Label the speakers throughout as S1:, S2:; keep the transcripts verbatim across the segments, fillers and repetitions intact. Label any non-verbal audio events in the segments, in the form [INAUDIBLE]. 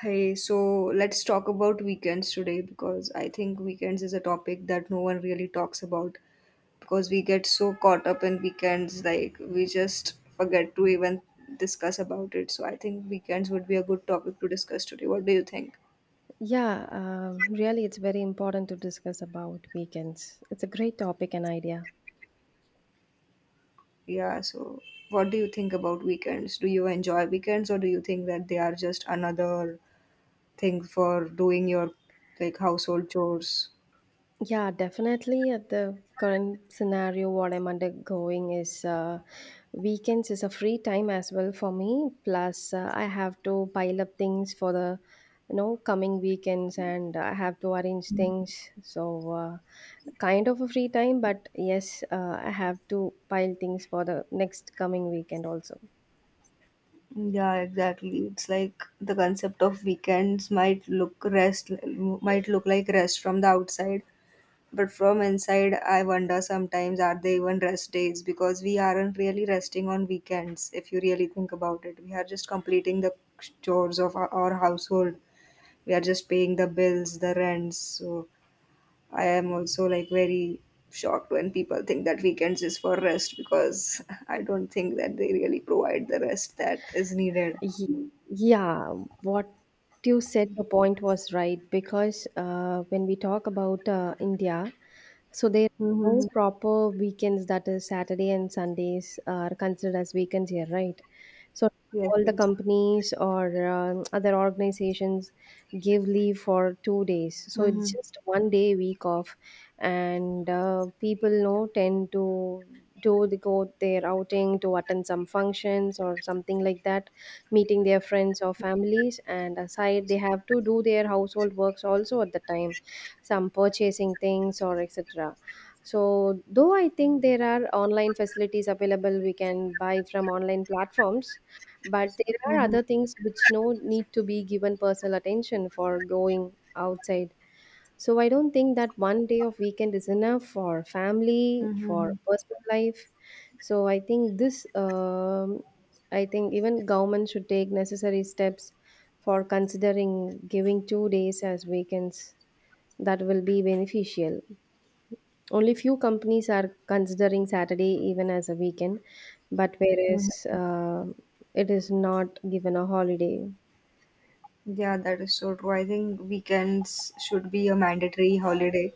S1: Hey, so let's talk about weekends today because I think weekends is a topic that no one really talks about because we get so caught up in weekends, like we just forget to even discuss about it. So I think weekends would be a good topic to discuss today. What do you think?
S2: Yeah, um, really, it's very important to discuss about weekends. It's a great topic and idea.
S1: Yeah, so what do you think about weekends? Do you enjoy weekends or do you think that they are just another thing for doing your like household chores?
S2: Yeah, definitely. At the current scenario, what I'm undergoing is uh, weekends is a free time as well for me. Plus, uh, I have to pile up things for the you know coming weekends, and I have to arrange things. So, uh, kind of a free time, but yes, uh, I have to pile things for the next coming weekend also.
S1: Yeah, exactly. It's like the concept of weekends might look rest might look like rest from the outside, but from inside I wonder sometimes are they even rest days because we aren't really resting on weekends if you really think about it. We are just completing the chores of our, our household. We are just paying the bills, the rents. So I am also like very shocked when people think that weekends is for rest because [LAUGHS] I don't think that they really provide the rest that is needed.
S2: Ye- Yeah, what you said, your point was right because uh, when we talk about uh, India, so there are no
S1: Mhm.
S2: proper weekends, that is, Saturday and Sundays are considered as weekends here, right? So
S1: Yes,
S2: all the
S1: yes.
S2: companies or um other organizations give leave for two days. So
S1: Mm-hmm.
S2: it's just one day week off, and uh, people know tend to do the go their outing to attend some functions or something like that meeting their friends or families, and aside, they have to do their household works also at the time, some purchasing things or et cetera. So, though I think there are online facilities available, we can buy from online platforms, but there are
S1: Mhm.
S2: other things which no need to be given personal attention for going outside. So I don't think that one day of weekend is enough for family,
S1: Mm-hmm.
S2: for personal life. So I think this um, I think even government should take necessary steps for considering giving two days as weekends. That will be beneficial. Only few companies are considering Saturday even as a weekend, but
S1: Mhm.
S2: whereas uh, it is not given a holiday.
S1: Yeah, that is so true. I think weekends should be a mandatory holiday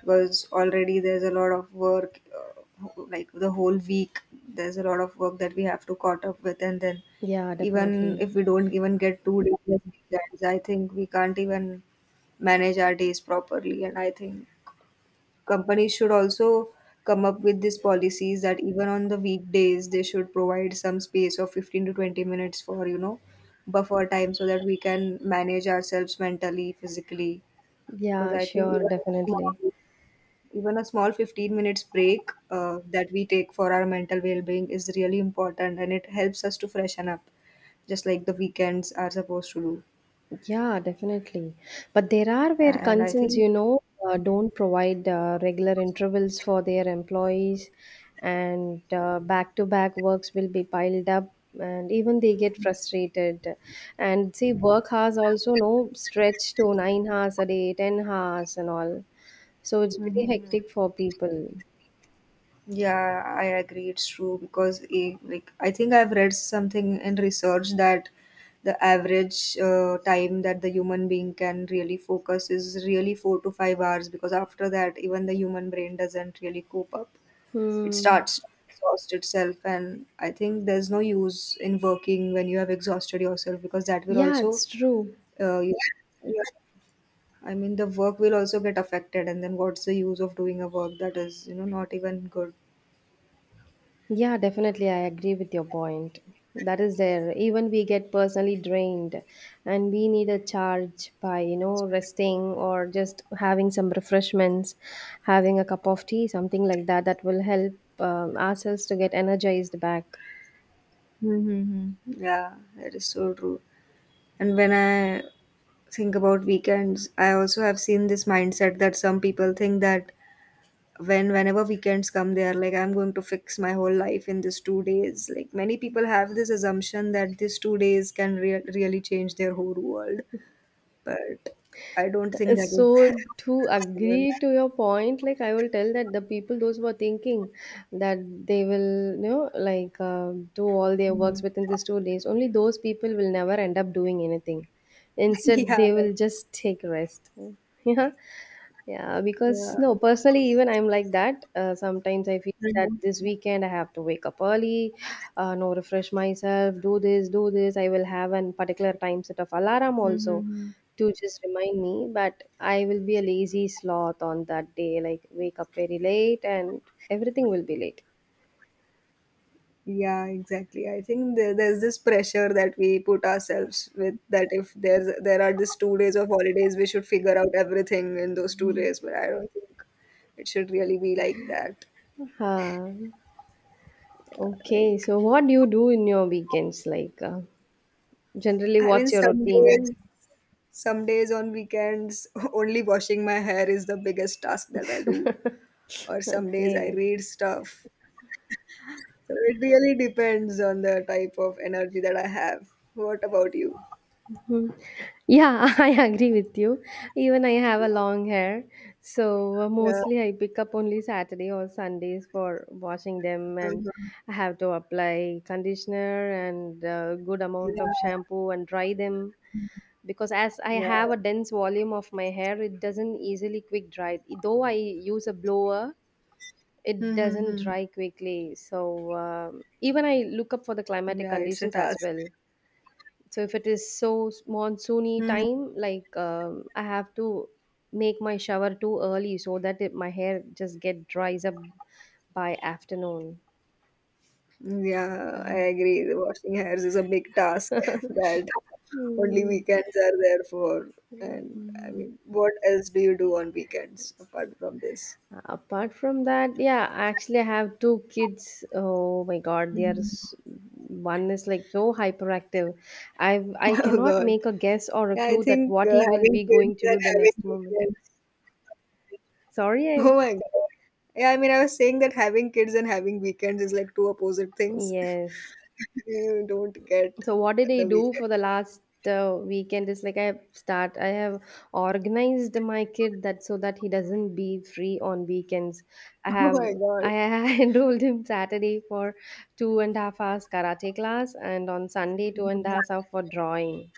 S1: because already there's a lot of work, uh, like the whole week, there's a lot of work that we have to caught up with. And then,
S2: Yeah,
S1: even
S2: definitely.
S1: if we don't even get two days of weekends, I think we can't even manage our days properly. And I think companies should also come up with these policies that even on the weekdays they should provide some space of fifteen to twenty minutes for you know buffer time so that we can manage ourselves mentally physically because
S2: Yeah,
S1: I think
S2: sure,
S1: even a
S2: definitely.
S1: small, even a small fifteen minutes break uh, that we take for our mental well-being is really important and it helps us to freshen up just like the weekends are supposed to do
S2: Yeah, definitely. But there are where
S1: and I
S2: concerns
S1: think.
S2: you know, uh, don't provide uh, regular intervals for their employees, and back to back works will be piled up, and even they get frustrated. And see, work hours also no stretch to nine hours a day, ten hours, and all. So it's very
S1: Mhm.
S2: hectic for people.
S1: Yeah, I agree. It's true because eh, like I think I've read something in research that the average uh, time that the human being can really focus is really four to five hours because after that, even the human brain doesn't really cope up. It
S2: Hmm.
S1: starts to exhaust itself, and I think there's no use in working when you have exhausted yourself because that will
S2: Yeah,
S1: also,
S2: it's true.
S1: uh, you, you- I mean, the work will also get affected, and then what's the use of doing a work that is, you know, not even good?
S2: Yeah, definitely. I agree with your point. That is there. Even we get personally drained and we need a charge by you know, resting or just having some refreshments, having a cup of tea, something like that, that will help um, ourselves to get energized back.
S1: Mhm. Yeah, that is so true. And when I think about weekends, I also have seen this mindset that some people think that when whenever weekends come, they are like, I'm going to fix my whole life in these two days. Like many people have this assumption that these two days can rea- really change their whole world, but I don't think that is
S2: So
S1: [LAUGHS]
S2: to
S1: possible.
S2: agree to your point, like I will tell that the people those who are thinking that they will you know, like uh, do all their works
S1: Mhm.
S2: within these two days, only those people will never end up doing anything.
S1: [LAUGHS]
S2: Instead,
S1: Yeah,
S2: they
S1: that,
S2: will just take rest. [LAUGHS] Yeah, yeah, because
S1: yeah.
S2: no, personally, even I'm like that. Uh, sometimes I feel that this weekend I have to wake up early, uh, no, refresh myself, do this, do this. I will have an particular time set of alarm also
S1: Mm-hmm.
S2: to just remind me. But I will be a lazy sloth on that day, like wake up very late and everything will be late.
S1: Yeah, exactly. I think there, there's this pressure that we put ourselves with that if there's there are these two days of holidays, we should figure out everything in those two days. But I don't think it should really be like that.
S2: Uh, okay,
S1: Like,
S2: so what do you do in your weekends? Like, uh, generally,
S1: I mean,
S2: what's your
S1: some
S2: routine?
S1: days, some days on weekends, [LAUGHS] only washing my hair is the biggest task that I do. Or
S2: [LAUGHS]
S1: some days I
S2: Okay.
S1: read stuff. So it really depends on the type of energy that I have. What about you?
S2: Yeah, [LAUGHS] I agree with you. Even I have a long hair, so uh,
S1: Yeah.
S2: mostly I pick up only Saturday or Sundays for washing them, and
S1: Uh-huh.
S2: I have to apply conditioner and uh, good
S1: Yeah.
S2: amount of shampoo and dry them because as I have
S1: Yeah.
S2: a dense volume of my hair, it doesn't easily quick dry. Though I use a blower, it
S1: Hmm. hmm
S2: doesn't
S1: hmm.
S2: dry quickly. So um even I look up for the climatic
S1: Yeah, it's a
S2: conditions as
S1: task.
S2: well, so if it is so s- monsoony
S1: Mhm.
S2: time, like um, I have to make my shower too early so that it, my hair just get dries up by afternoon.
S1: Yeah, I agree. The washing hairs is a big task [LAUGHS] that only
S2: Hmm.
S1: weekends are there for. And I mean, what else do you do on weekends apart from this?
S2: Apart from that, yeah, actually I have two kids. Oh my God, they are
S1: [LAUGHS]
S2: s- one is like so hyperactive. I i
S1: Oh
S2: cannot
S1: God.
S2: make a guess or a
S1: Yeah, I
S2: clue that
S1: think
S2: what
S1: uh,
S2: he will
S1: having
S2: be
S1: kids
S2: going to
S1: and
S2: do the next
S1: having
S2: moment.
S1: weekends.
S2: sorry
S1: Oh
S2: I,
S1: my God. Yeah, I mean, I was saying that having kids and having weekends is like two opposite things.
S2: yes.
S1: [LAUGHS] You don't get
S2: So what did I
S1: the
S2: do
S1: weekend.
S2: for the last uh, weekend is like I have start I have organized my kid that so that he doesn't be free on weekends. I
S1: [LAUGHS] Oh
S2: have
S1: my God.
S2: I [LAUGHS] enrolled him Saturday for two and a half hours karate class and on Sunday two and a
S1: Mhm.
S2: half hours for drawing.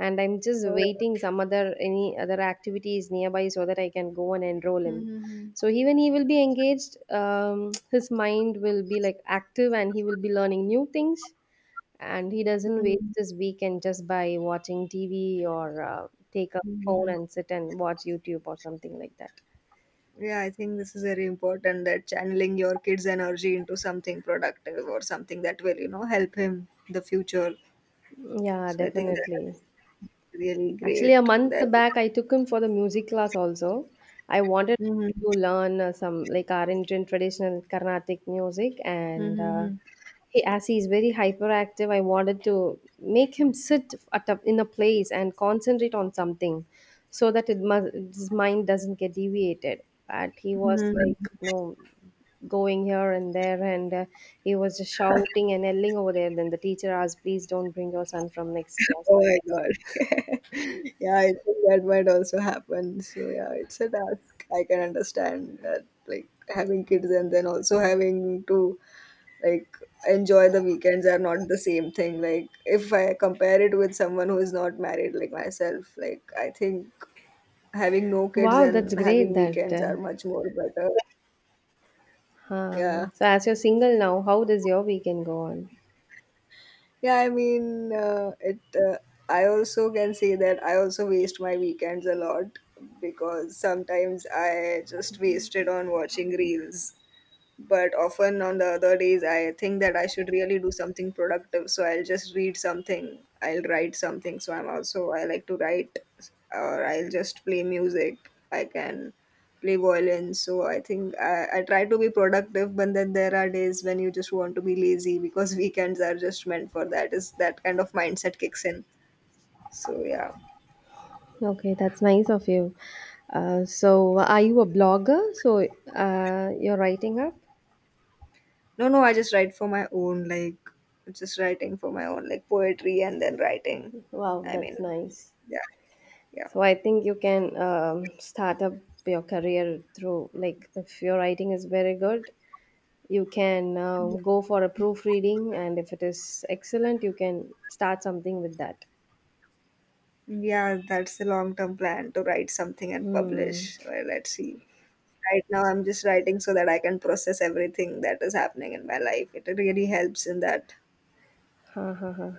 S2: And I'm just
S1: Oh.
S2: waiting some other any other activities nearby so that I can go and enroll him.
S1: Mhm.
S2: So even he will be engaged, um, [TSK] his mind will be like active and he will be learning new things, and he doesn't
S1: Mhm.
S2: waste his weekend just by watching T V or uh, take a phone
S1: Mhm.
S2: and sit and watch YouTube or something like that.
S1: Yeah, I think this is very important that channeling your kid's energy into something productive or something that will, you know, help him in the future.
S2: Yeah,
S1: So I think
S2: definitely.
S1: that's really
S2: Actually, a
S1: great. That
S2: month back, I took him for the music class also. I wanted
S1: mm-hmm.
S2: to learn uh, some like our Indian traditional Carnatic music, and uh,
S1: Mm-hmm.
S2: he as he is very hyperactive, I wanted to make him sit at a, in a place and concentrate on something so that it must, his mind doesn't get deviated, but he was like
S1: Hmm.
S2: no going here and there, and uh, he was just shouting and yelling over there. Then the teacher asked, please don't bring your son from next class.
S1: Oh my God. [LAUGHS] Yeah, I think that might also happen. So yeah, it's a task. I can understand that like having kids and then also having to like enjoy the weekends are not the same thing. Like if I compare it with someone who is not married like myself, like I think having no kids
S2: Wow, that's
S1: and
S2: great.
S1: having
S2: that
S1: weekends
S2: uh,
S1: are much more better.
S2: huh.
S1: Yeah,
S2: So as you're single now, how does your weekend go on?
S1: yeah, I mean, uh, it uh, I also can say that I also waste my weekends a lot because sometimes I just waste it on watching reels, but often on the other days I think that I should really do something productive, so I'll just read something, I'll write something, so I'm also, I like to write, or I'll just play music. I can play violin, so I think I, I try to be productive, but then there are days when you just want to be lazy because [LAUGHS] weekends are just meant for that, is that kind of mindset kicks in, so yeah.
S2: Okay, that's nice of you. Uh, so, are you a blogger? So, uh, you're writing up?
S1: No, no, I just write for my own, like just writing for my own, like poetry and then writing,
S2: Wow,
S1: I mean,
S2: that's nice.
S1: yeah, yeah.
S2: So, I think you can um, start up your career through, like, if your writing is very good, you can um, go for a proofreading, and if it is excellent, you can start something with that.
S1: Yeah, that's a long term plan to write something and
S2: Hmm.
S1: publish. Well, let's see. Right now, I'm just writing so that I can process everything that is happening in my life. It really helps in that.
S2: [LAUGHS] Huh, huh, huh.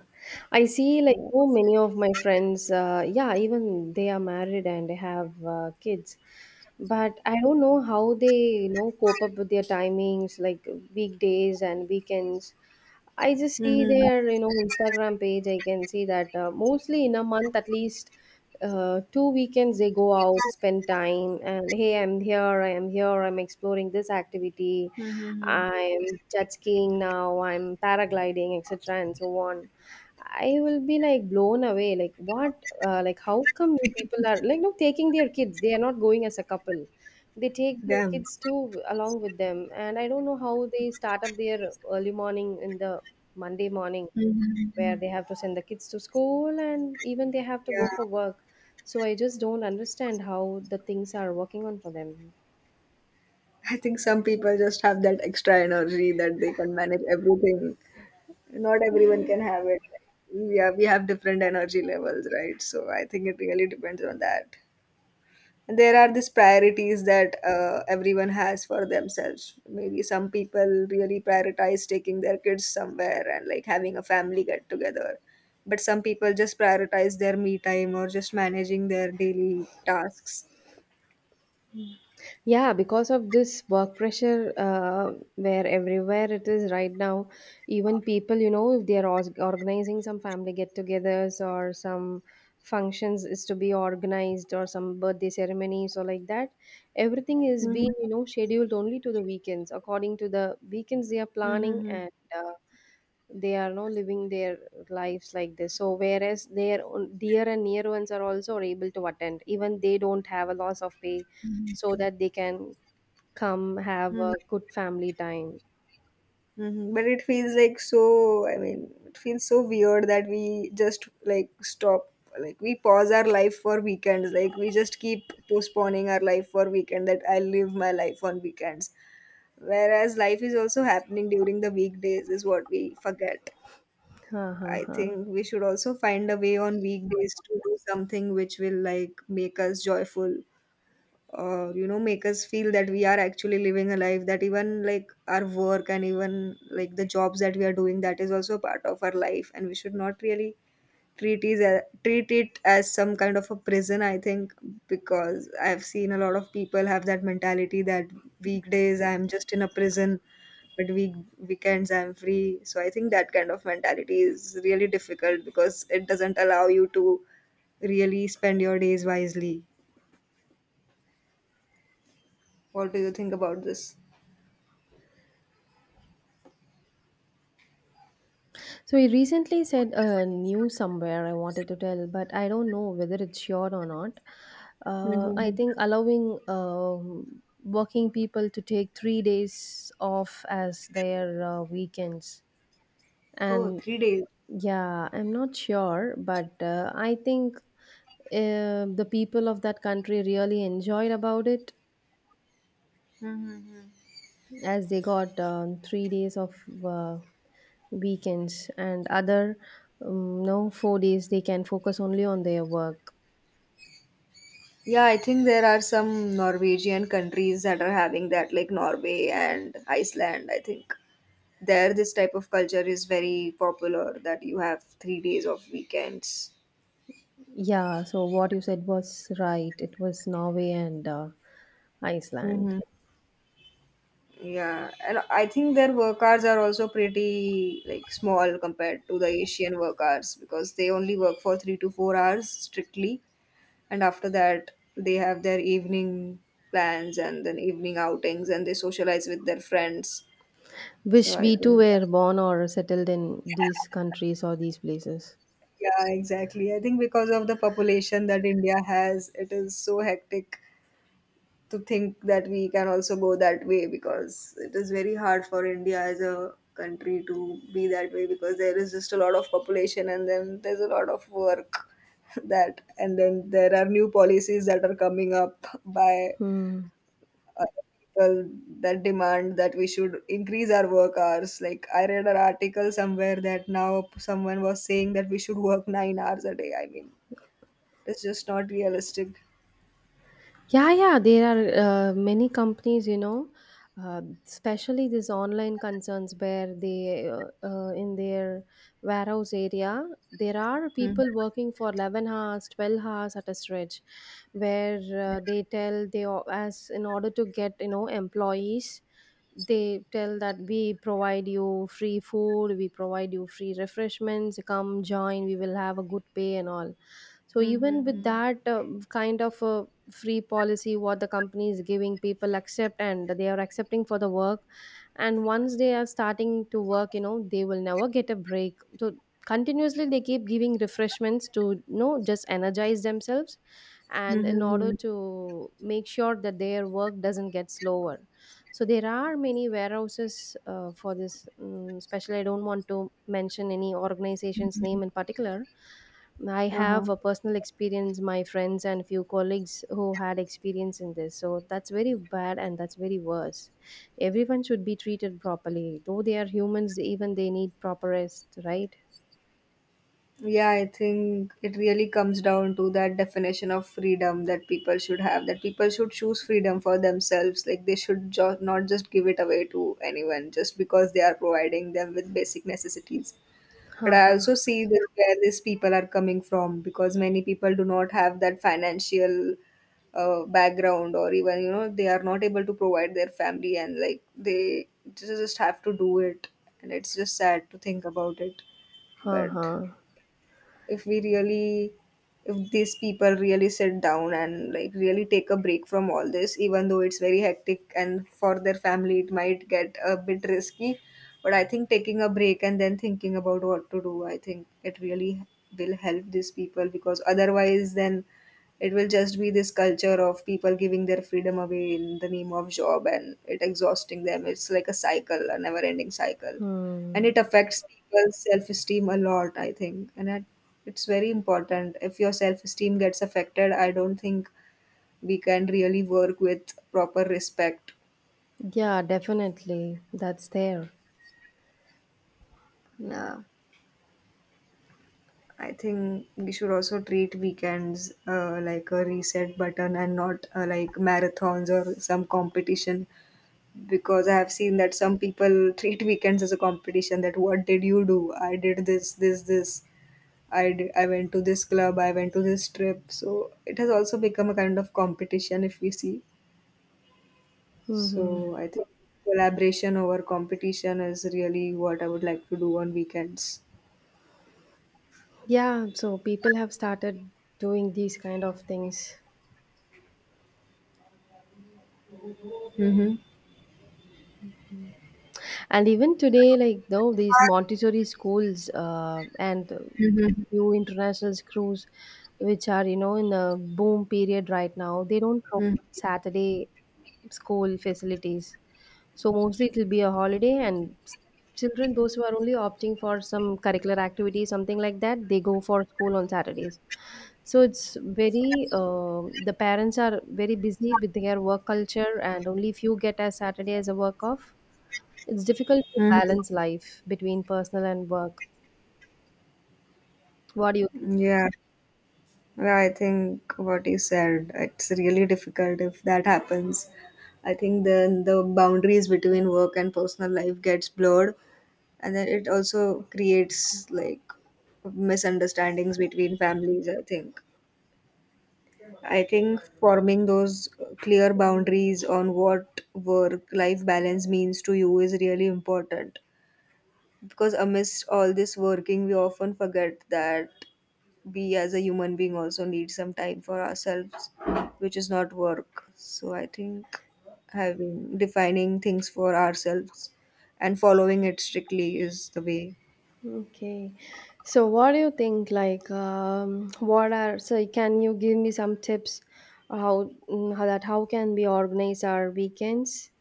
S2: I see, like, so many of my friends, uh, yeah, even they are married and they have uh, kids. But I don't know how they you know, cope up with their timings, like weekdays and weekends. I just see
S1: Mm-hmm.
S2: their you know, Instagram page. I can see that uh, mostly in a month, at least uh, two weekends, they go out, spend time, and hey, I'm here, I am here, I'm exploring this activity,
S1: Mm-hmm.
S2: I'm jet skiing now, I'm paragliding, et cetera, and so on. I will be like blown away. Like what? Uh, like how come you people are like no taking their kids? They are not going as a couple. They take their
S1: Damn.
S2: kids too along with them, and I don't know how they start up their early morning in the Monday morning where
S1: Mm-hmm.
S2: they have to send the kids to school and even they have to
S1: Yeah.
S2: go for work. So I just don't understand how the things are working on for them.
S1: I think some people just have that extra energy that they can manage everything. Not everyone can have it. Yeah, we have different energy levels, right? So I think it really depends on that. There are these priorities that uh, everyone has for themselves. Maybe some people really prioritize taking their kids somewhere and like having a family get together, but some people just prioritize their me time or just managing their daily tasks.
S2: Yeah, because of this work pressure, uh, where everywhere it is right now, even people you know, if they are os- organizing some family get-togethers or some functions is to be organized or some birthday ceremonies or like that, everything is being
S1: Mm-hmm.
S2: you know, scheduled only to the weekends. According to the weekends, they are planning,
S1: Mm-hmm.
S2: and uh, they are now living their lives like this. So whereas their own dear and near ones are also able to attend, even they don't have a loss of pay so that they can come have a good family time.
S1: Mhm. But it feels like so, I mean, it feels so weird that we just like stop, like we pause our life for weekends. Like we just keep postponing our life for weekend, that I live my life on weekends. Whereas life is also happening during the weekdays is what we forget.
S2: Huh, huh,
S1: I
S2: huh.
S1: think we should also find a way on weekdays to do something which will like make us joyful, uh, you know, make us feel that we are actually living a life, that even like our work and even like the jobs that we are doing, that is also a part of our life, and we should not really treat it as, treat it as some kind of a prison, I think, because I have seen a lot of people have that mentality that weekdays I am just in a prison, but week weekends I'm free. So I think that kind of mentality is really difficult because it doesn't allow you to really spend your days wisely. What do you think about this?
S2: So he recently said a uh, news somewhere I wanted to tell, but I don't know whether it's sure or not. Uh, I
S1: Mhm.
S2: think allowing um working people to take three days off as their uh, weekends,
S1: Oh,
S2: and
S1: three days.
S2: yeah, I'm not sure, but uh, I think uh, the people of that country really enjoyed about it
S1: Mm-hmm.
S2: as they got um, three days of uh, weekends, and other um, no, four days they can focus only on their work.
S1: Yeah, I think there are some Norwegian countries that are having that, like Norway and Iceland. I think there this type of culture is very popular that you have three days of weekends.
S2: Yeah, so what you said was right. It was Norway and uh, Iceland.
S1: Mm-hmm. Yeah, and I think their work hours are also pretty like small compared to the Asian work hours because they only work for three to four hours strictly, and after that they have their evening plans and then evening outings and they socialize with their friends, so
S2: Wish
S1: I
S2: we too
S1: think,
S2: were born or settled in these countries or these places.
S1: yeah, exactly, I think because of the population that India has, it is so hectic to think that we can also go that way because it is very hard for India as a country to be that way because there is just a lot of population and then there's a lot of work [LAUGHS] that, and then there are new policies that are coming up by
S2: Hmm.
S1: uh, people that demand that we should increase our work hours. Like I read an article somewhere that now someone was saying that we should work nine hours a day. I mean, it's just not realistic.
S2: Yeah, yeah, there are uh, many companies you know, uh, especially these online concerns where they, uh, uh, in their warehouse area, there are
S1: Mm-hmm.
S2: people working for eleven hours, twelve hours at a stretch, where uh, they tell they, o- as in order to get you know, employees, they tell that we provide you free food, we provide you free refreshments, come join, we will have a good pay and all. So even with
S1: Mm-hmm.
S2: that uh, kind of a free policy what the company is giving, people accept, and they are accepting for the work. And once they are starting to work, you know they will never get a break. So continuously they keep giving refreshments to you know just energize themselves
S1: hmm
S2: and in
S1: hmm hmm
S2: order to make sure that their work doesn't get slower. So there are many warehouses uh, for this, um, especially I don't want to mention any organization's name in particular. I
S1: uh huh
S2: have a personal experience, my friends and few colleagues who had experience in this. So that's very bad and that's very worse. Everyone should be treated properly. Though they are humans, they- even they need proper rest, right?
S1: Yeah, I think it really comes down to that definition of freedom that people should have, that people should choose freedom for themselves. Like they should jo- not just give it away to anyone just because they are providing them with basic necessities. But
S2: Huh,
S1: I
S2: huh,
S1: also see that where these people are coming from because many people do not have that financial uh, background, or even you know they are not able to provide their family, and like they just have to do it, and it's just sad to think about it.
S2: huh,
S1: But
S2: huh.
S1: if we really, if these people really sit down and like really take a break from all this, even though it's very hectic and for their family it might get a bit risky, but I think taking a break and then thinking about what to do, I think it really will help these people, because otherwise then it will just be this culture of people giving their freedom away in the name of job, and it exhausting them. It's like a cycle, a never ending cycle, and
S2: Hmm.
S1: it affects people's self-esteem a lot, I think and it, It's very important. If your self-esteem gets affected, I don't think we can really work with proper respect.
S2: Yeah, definitely. That's there.
S1: Yeah, I think we should also treat weekends uh, like a reset button and not uh, like marathons or some competition, because I have seen that some people [LAUGHS] treat weekends as a competition. That what did you do? I did this, this, this. I d- I went to this club, I went to this trip. So it has also become a kind of competition, if we see.
S2: Mm-hmm.
S1: So I think collaboration over competition is really what I would like to do on weekends.
S2: Yeah, so people have started doing these kind of things.
S1: Mm-hmm.
S2: And even today, like though these Montessori schools uh, and uh,
S1: Mm-hmm.
S2: few international schools, which, are you know, in a boom period right now, they don't provide Saturday school facilities. So mostly it will be a holiday, and s- children those who are only opting for some curricular activity, something like that, they go for school on Saturdays. So it's very uh, the parents are very busy with their work culture, and only few get a Saturday as a work off. It's difficult to
S1: Mm-hmm.
S2: balance life between personal and work. What do you think?
S1: Yeah. Yeah, I think what he said, it's really difficult if that happens. I think then the boundaries between work and personal life gets blurred, and then it also creates like misunderstandings between families i think I think forming those clear boundaries on what work life balance means to you is really important, because amidst all this working we often forget that we as a human being also need some time for ourselves, which is not work. So I think having defining things for ourselves and following it strictly is the way.
S2: Okay. So what do you think like um, what are, so can you give me some tips how, mm, how that, how can we organize our weekends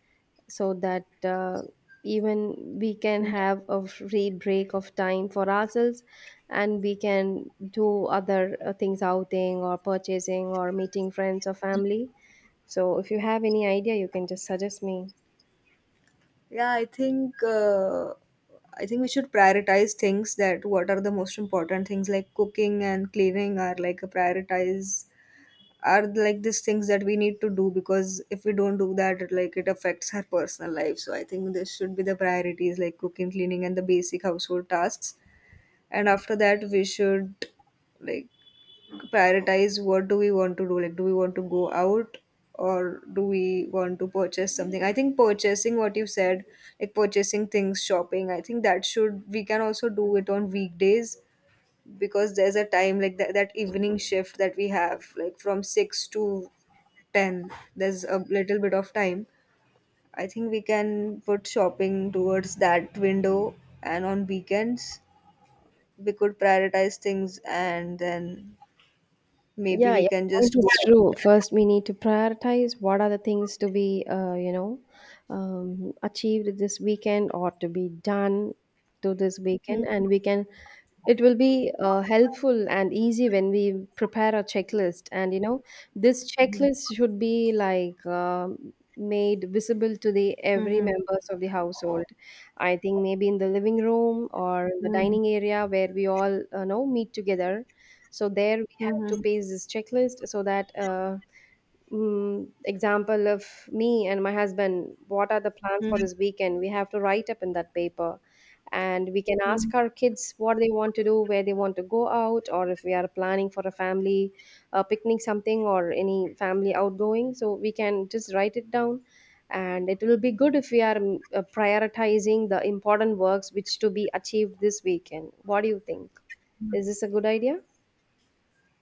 S2: so that uh, even we can have a free break of time for ourselves, and we can do other uh, things, outing or purchasing or meeting friends or family. So if you have any idea you can just suggest me.
S1: Yeah, I think uh, I think we should prioritize things. That what are the most important things, like cooking and cleaning, are like a prioritize, are like these things that we need to do, because if we don't do that, it, like it affects our personal life. So I think this should be the priorities, like cooking, cleaning and the basic household tasks. And after that we should like prioritize what do we want to do. Like, do we want to go out or do we want to purchase something? I think purchasing what you said, like purchasing things, shopping, I think that should, we can also do it on weekdays, because there's a time like that, that evening shift that we have, like from six to ten, there's a little bit of time. I think we can put shopping towards that window, and on weekends we could prioritize things and then maybe
S2: Yeah,
S1: we
S2: your
S1: can
S2: point
S1: just go
S2: is
S1: out.
S2: true. First, we need to prioritize what are the things to be, uh, you know, um, achieved this weekend or to be done to this weekend,
S1: Mhm,
S2: and we can. It will be uh, helpful and easy when we prepare a checklist, and you know, this
S1: mhm,
S2: checklist should be like. um made visible to the every
S1: mhm,
S2: members of the household. I think maybe in the living room or the
S1: mhm,
S2: dining area where we all uh, know meet together, so there we have to
S1: mhm,
S2: paste this checklist so that uh, mm, example of me and my husband, what are the plans for
S1: mhm,
S2: this weekend? We have to write up in that paper. And we can
S1: mhm.
S2: ask our kids what they want to do, where they want to go out, or if we are planning for a family uh, picnic, something, or any family outgoing. So we can just write it down. And it will be good if we are mm, uh, prioritizing the important works which to be achieved this weekend. What do you think? Is this a good idea?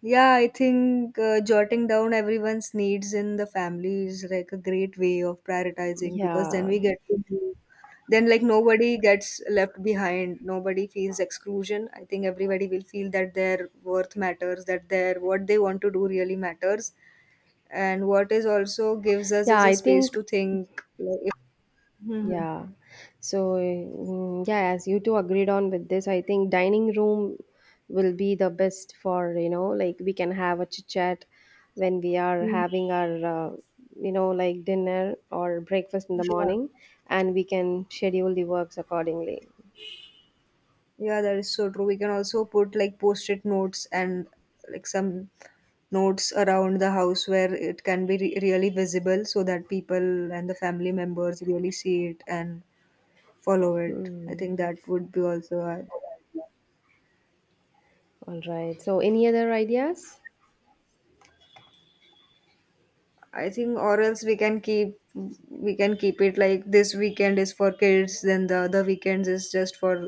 S1: Yeah, I think uh, jotting down everyone's needs in the family is like a great way of prioritizing, because then
S2: Yeah.
S1: we get to do, then like nobody gets left behind, nobody feels exclusion. I think everybody will feel that their worth matters, that their what they want to do really matters, and what is also gives us
S2: Yeah,
S1: is a
S2: I
S1: space
S2: think,
S1: to think. Like, if, mhm,
S2: yeah. So, mm, yeah, as you two agreed on with this, I think dining room will be the best for, you know, like we can have a chit chat when we are
S1: mhm.
S2: having our, uh, you know, like dinner or breakfast in the
S1: Yeah.
S2: morning, and we can schedule the works accordingly.
S1: Yeah, that is so true. We can also put like post-it notes and like some notes around the house where it can be re- really visible so that people and the family members really see it and follow it. I
S2: Hmm.
S1: think that would be also a-
S2: All right. So, any other ideas?
S1: I think, or else we can keep, we can keep it like this weekend is for kids, then the other weekends is just for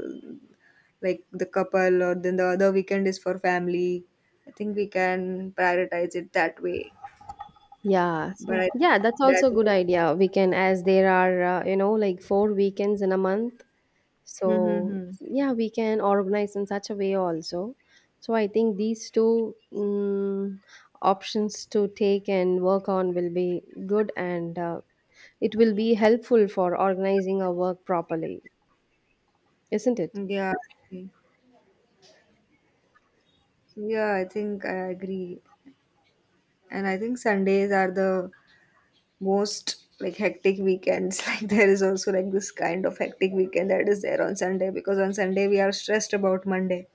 S1: like the couple, or then the other weekend is for family. I think we can prioritize it that way.
S2: Yeah,
S1: But
S2: so
S1: I
S2: yeah, that's
S1: that
S2: also a good idea. We can, as there are, uh, you know, like four weekends in a month, so
S1: mhm,
S2: yeah we can organize in such a way also. So I think these two mm options to take and work on will be good, and uh, it will be helpful for organizing our work properly, isn't it?
S1: mhm. Yeah, I see. Yeah, I think I agree. And I think Sundays are the most like hectic weekends. [LAUGHS] Like there is also like this kind of hectic weekend that is there on Sunday, because on Sunday we are stressed about Monday.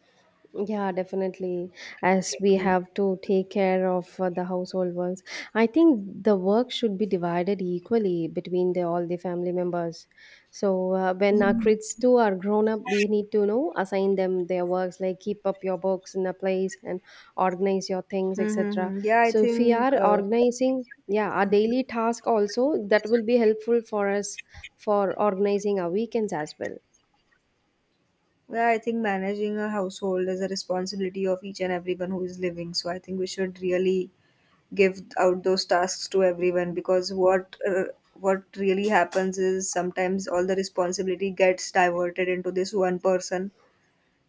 S2: Yeah, definitely. As we have to take care of uh, the household ones, I think the work should be divided equally between the all the family members. So uh, when our kids too are grown up, we need to know assign them their works like keep up your books in a place and organize your things, et cetera.
S1: Mm-hmm. Yeah, I
S2: So if we
S1: think
S2: are
S1: uh,
S2: organizing, yeah, our daily task also that will be helpful for us for organizing our weekends as well.
S1: yeah, I think managing a household is a responsibility of each and everyone who is living. So I think we should really give out those tasks to everyone, because what uh, what really happens is sometimes all the responsibility gets diverted into this one person,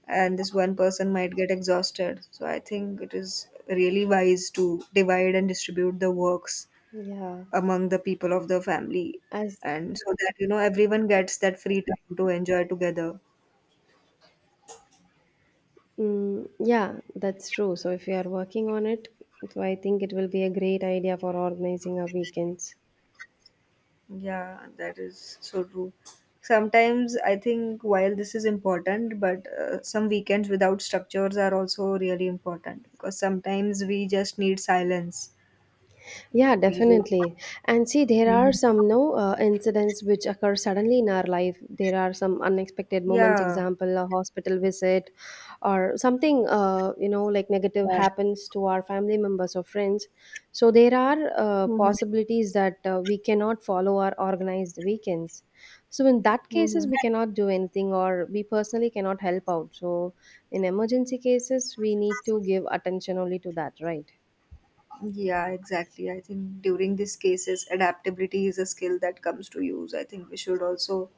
S1: and this one person might get exhausted. So I think it is really wise to divide and distribute the works
S2: Yeah,
S1: among the people of the family,
S2: as
S1: and so that you know everyone gets that free time to enjoy together.
S2: Mm, yeah, that's true. So if you are working on it, so I think it will be a great idea for organizing our weekends.
S1: Yeah, that is so true. Sometimes I think while this is important, but uh, some weekends without structures are also really important, because sometimes we just need silence.
S2: Yeah,
S1: We do.
S2: definitely. And see, there are
S1: Mhm.
S2: some no uh, incidents which occur suddenly in our life. There are some unexpected moments,
S1: Yeah,
S2: example, a hospital visit, or something uh, you know, like negative
S1: yeah.
S2: happens to our family members or friends. So there are uh,
S1: Hmm.
S2: possibilities that uh, we cannot follow our organized weekends. So in that cases,
S1: Hmm.
S2: we cannot do anything, or we personally cannot help out. So in emergency cases, we need to give attention only to that, right?
S1: Yeah, exactly. I think during these cases, adaptability is a skill that comes to use. I think we should also,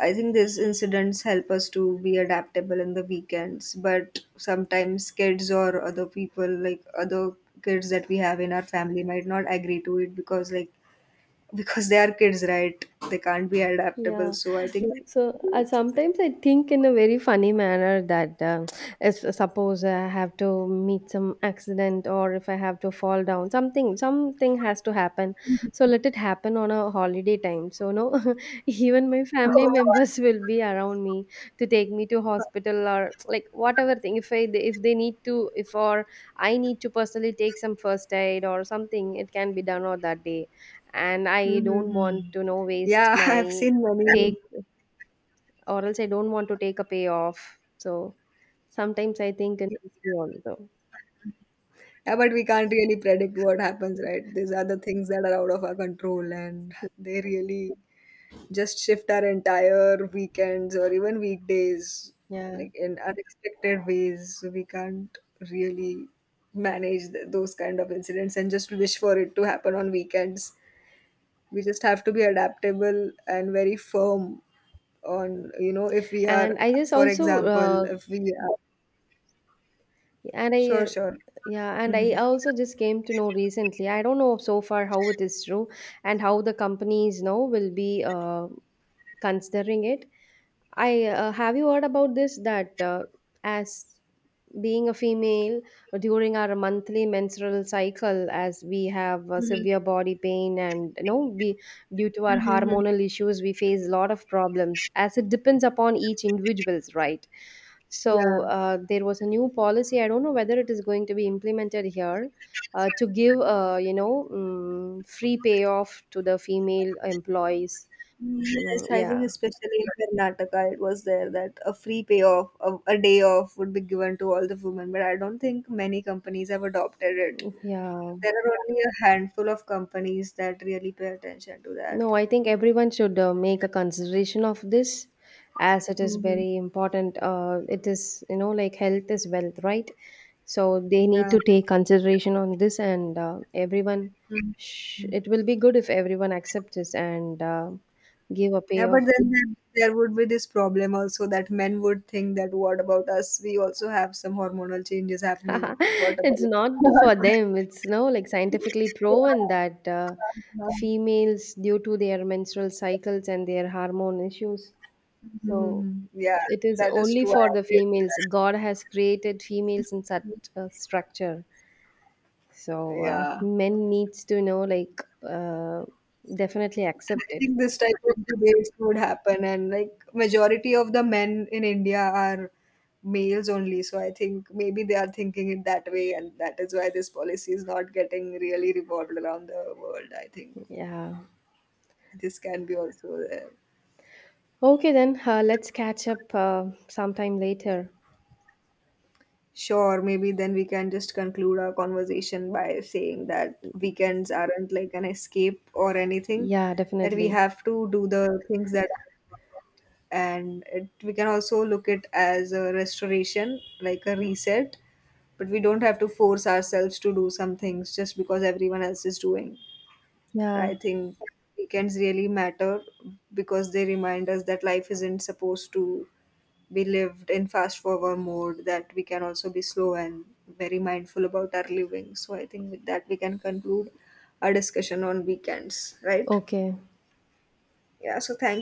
S1: I think these incidents help us to be adaptable in the weekends, but sometimes kids or other people, like other kids that we have in our family, might not agree to it because, like, [LAUGHS] because they are kids, right? They can't be adaptable.
S2: Yeah.
S1: So I think.
S2: So uh, sometimes I think in a very funny manner that uh, if suppose I have to meet some accident or if I have to fall down, something something has to happen. So let it happen on a holiday time. So no, [LAUGHS] even my family [LAUGHS] members will be around me to take me to hospital or like whatever thing. If I if they need to if or I need to personally take some first aid or something, it can be done on that day, and I don't want
S1: Mm-hmm.
S2: to no waste
S1: Yeah, [LAUGHS]
S2: my
S1: I've seen many.
S2: take, or else I don't want to take a payoff. So sometimes I think in this way also.
S1: Yeah, but we can't really predict what happens, right? These are the things that are out of our control, and they really just shift our entire weekends or even weekdays
S2: Yeah.
S1: like in unexpected ways. So we can't really manage th- those kind of incidents and just wish for it to happen on weekends. We just have to be adaptable and very firm on, you know, if we
S2: And
S1: are,
S2: I just
S1: for
S2: also
S1: example,
S2: uh,
S1: if we are,
S2: and I
S1: sure,
S2: uh,
S1: sure.
S2: yeah, and
S1: Hmm.
S2: I also just came to know recently. I don't know so far how it is true, and how the companies now will be uh, considering it. I uh, have you heard about this that uh, as being a female, during our monthly menstrual cycle, as we have uh, severe body pain, and, you know, we, due to our
S1: Hmm.
S2: hormonal issues, we face a lot of problems, as it depends upon each individuals, right? So
S1: Yeah.
S2: uh, there was a new policy, I don't know whether it is going to be implemented here, uh, to give, uh, you know, um, free payoff to the female employees. Mm,
S1: Yes, I think
S2: yeah
S1: especially in Karnataka, it was there that a free payoff, a, a day off would be given to all the women, but I don't think many companies have adopted it.
S2: yeah
S1: There are only a handful of companies that really pay attention to that.
S2: No, I think everyone should uh, make a consideration of this, as it is
S1: Mm-hmm.
S2: very important. Uh, it is, you know, like health is wealth, right? So they
S1: Yeah.
S2: need to take consideration on this, and uh, everyone,
S1: Mhm.
S2: sh-
S1: Mhm.
S2: it will be good if everyone accepts this and uh, give a
S1: Yeah, but
S2: payoff.
S1: then there, there would be this problem also that men would think that what about us? We also have some hormonal changes happening. What
S2: [LAUGHS] It's
S1: about?
S2: not for
S1: [LAUGHS]
S2: them, it's no like scientifically proven that uh,
S1: Yeah.
S2: females, due to their menstrual cycles and their hormone issues, so
S1: Mhm. Yeah,
S2: it is
S1: that is
S2: only
S1: true. I
S2: for the
S1: agree with,
S2: females. God has created females in such a structure. So uh,
S1: yeah.
S2: men needs to know like uh, definitely accept
S1: I
S2: it.
S1: think this type of debates would happen, and like majority of the men in India are males only. So I think maybe they are thinking it that way, and that is why this policy is not getting really revolved around the world. I think
S2: Yeah.
S1: this can be also there.
S2: Okay then. Uh, let's catch up uh, sometime later.
S1: Sure, maybe then we can just conclude our conversation by saying that weekends aren't like an escape or anything,
S2: Yeah,
S1: that we
S2: definitely.
S1: have to do the things that are important. And it, we can also look it as a restoration, like a reset, but we don't have to force ourselves to do some things just because everyone else is doing. And I
S2: Yeah.
S1: think weekends really matter, because they remind us that life isn't supposed to, we lived in fast forward mode, that we can also be slow and very mindful about our living. So I think with that we can conclude our discussion on weekends, right?
S2: Okay.
S1: Yeah, so thank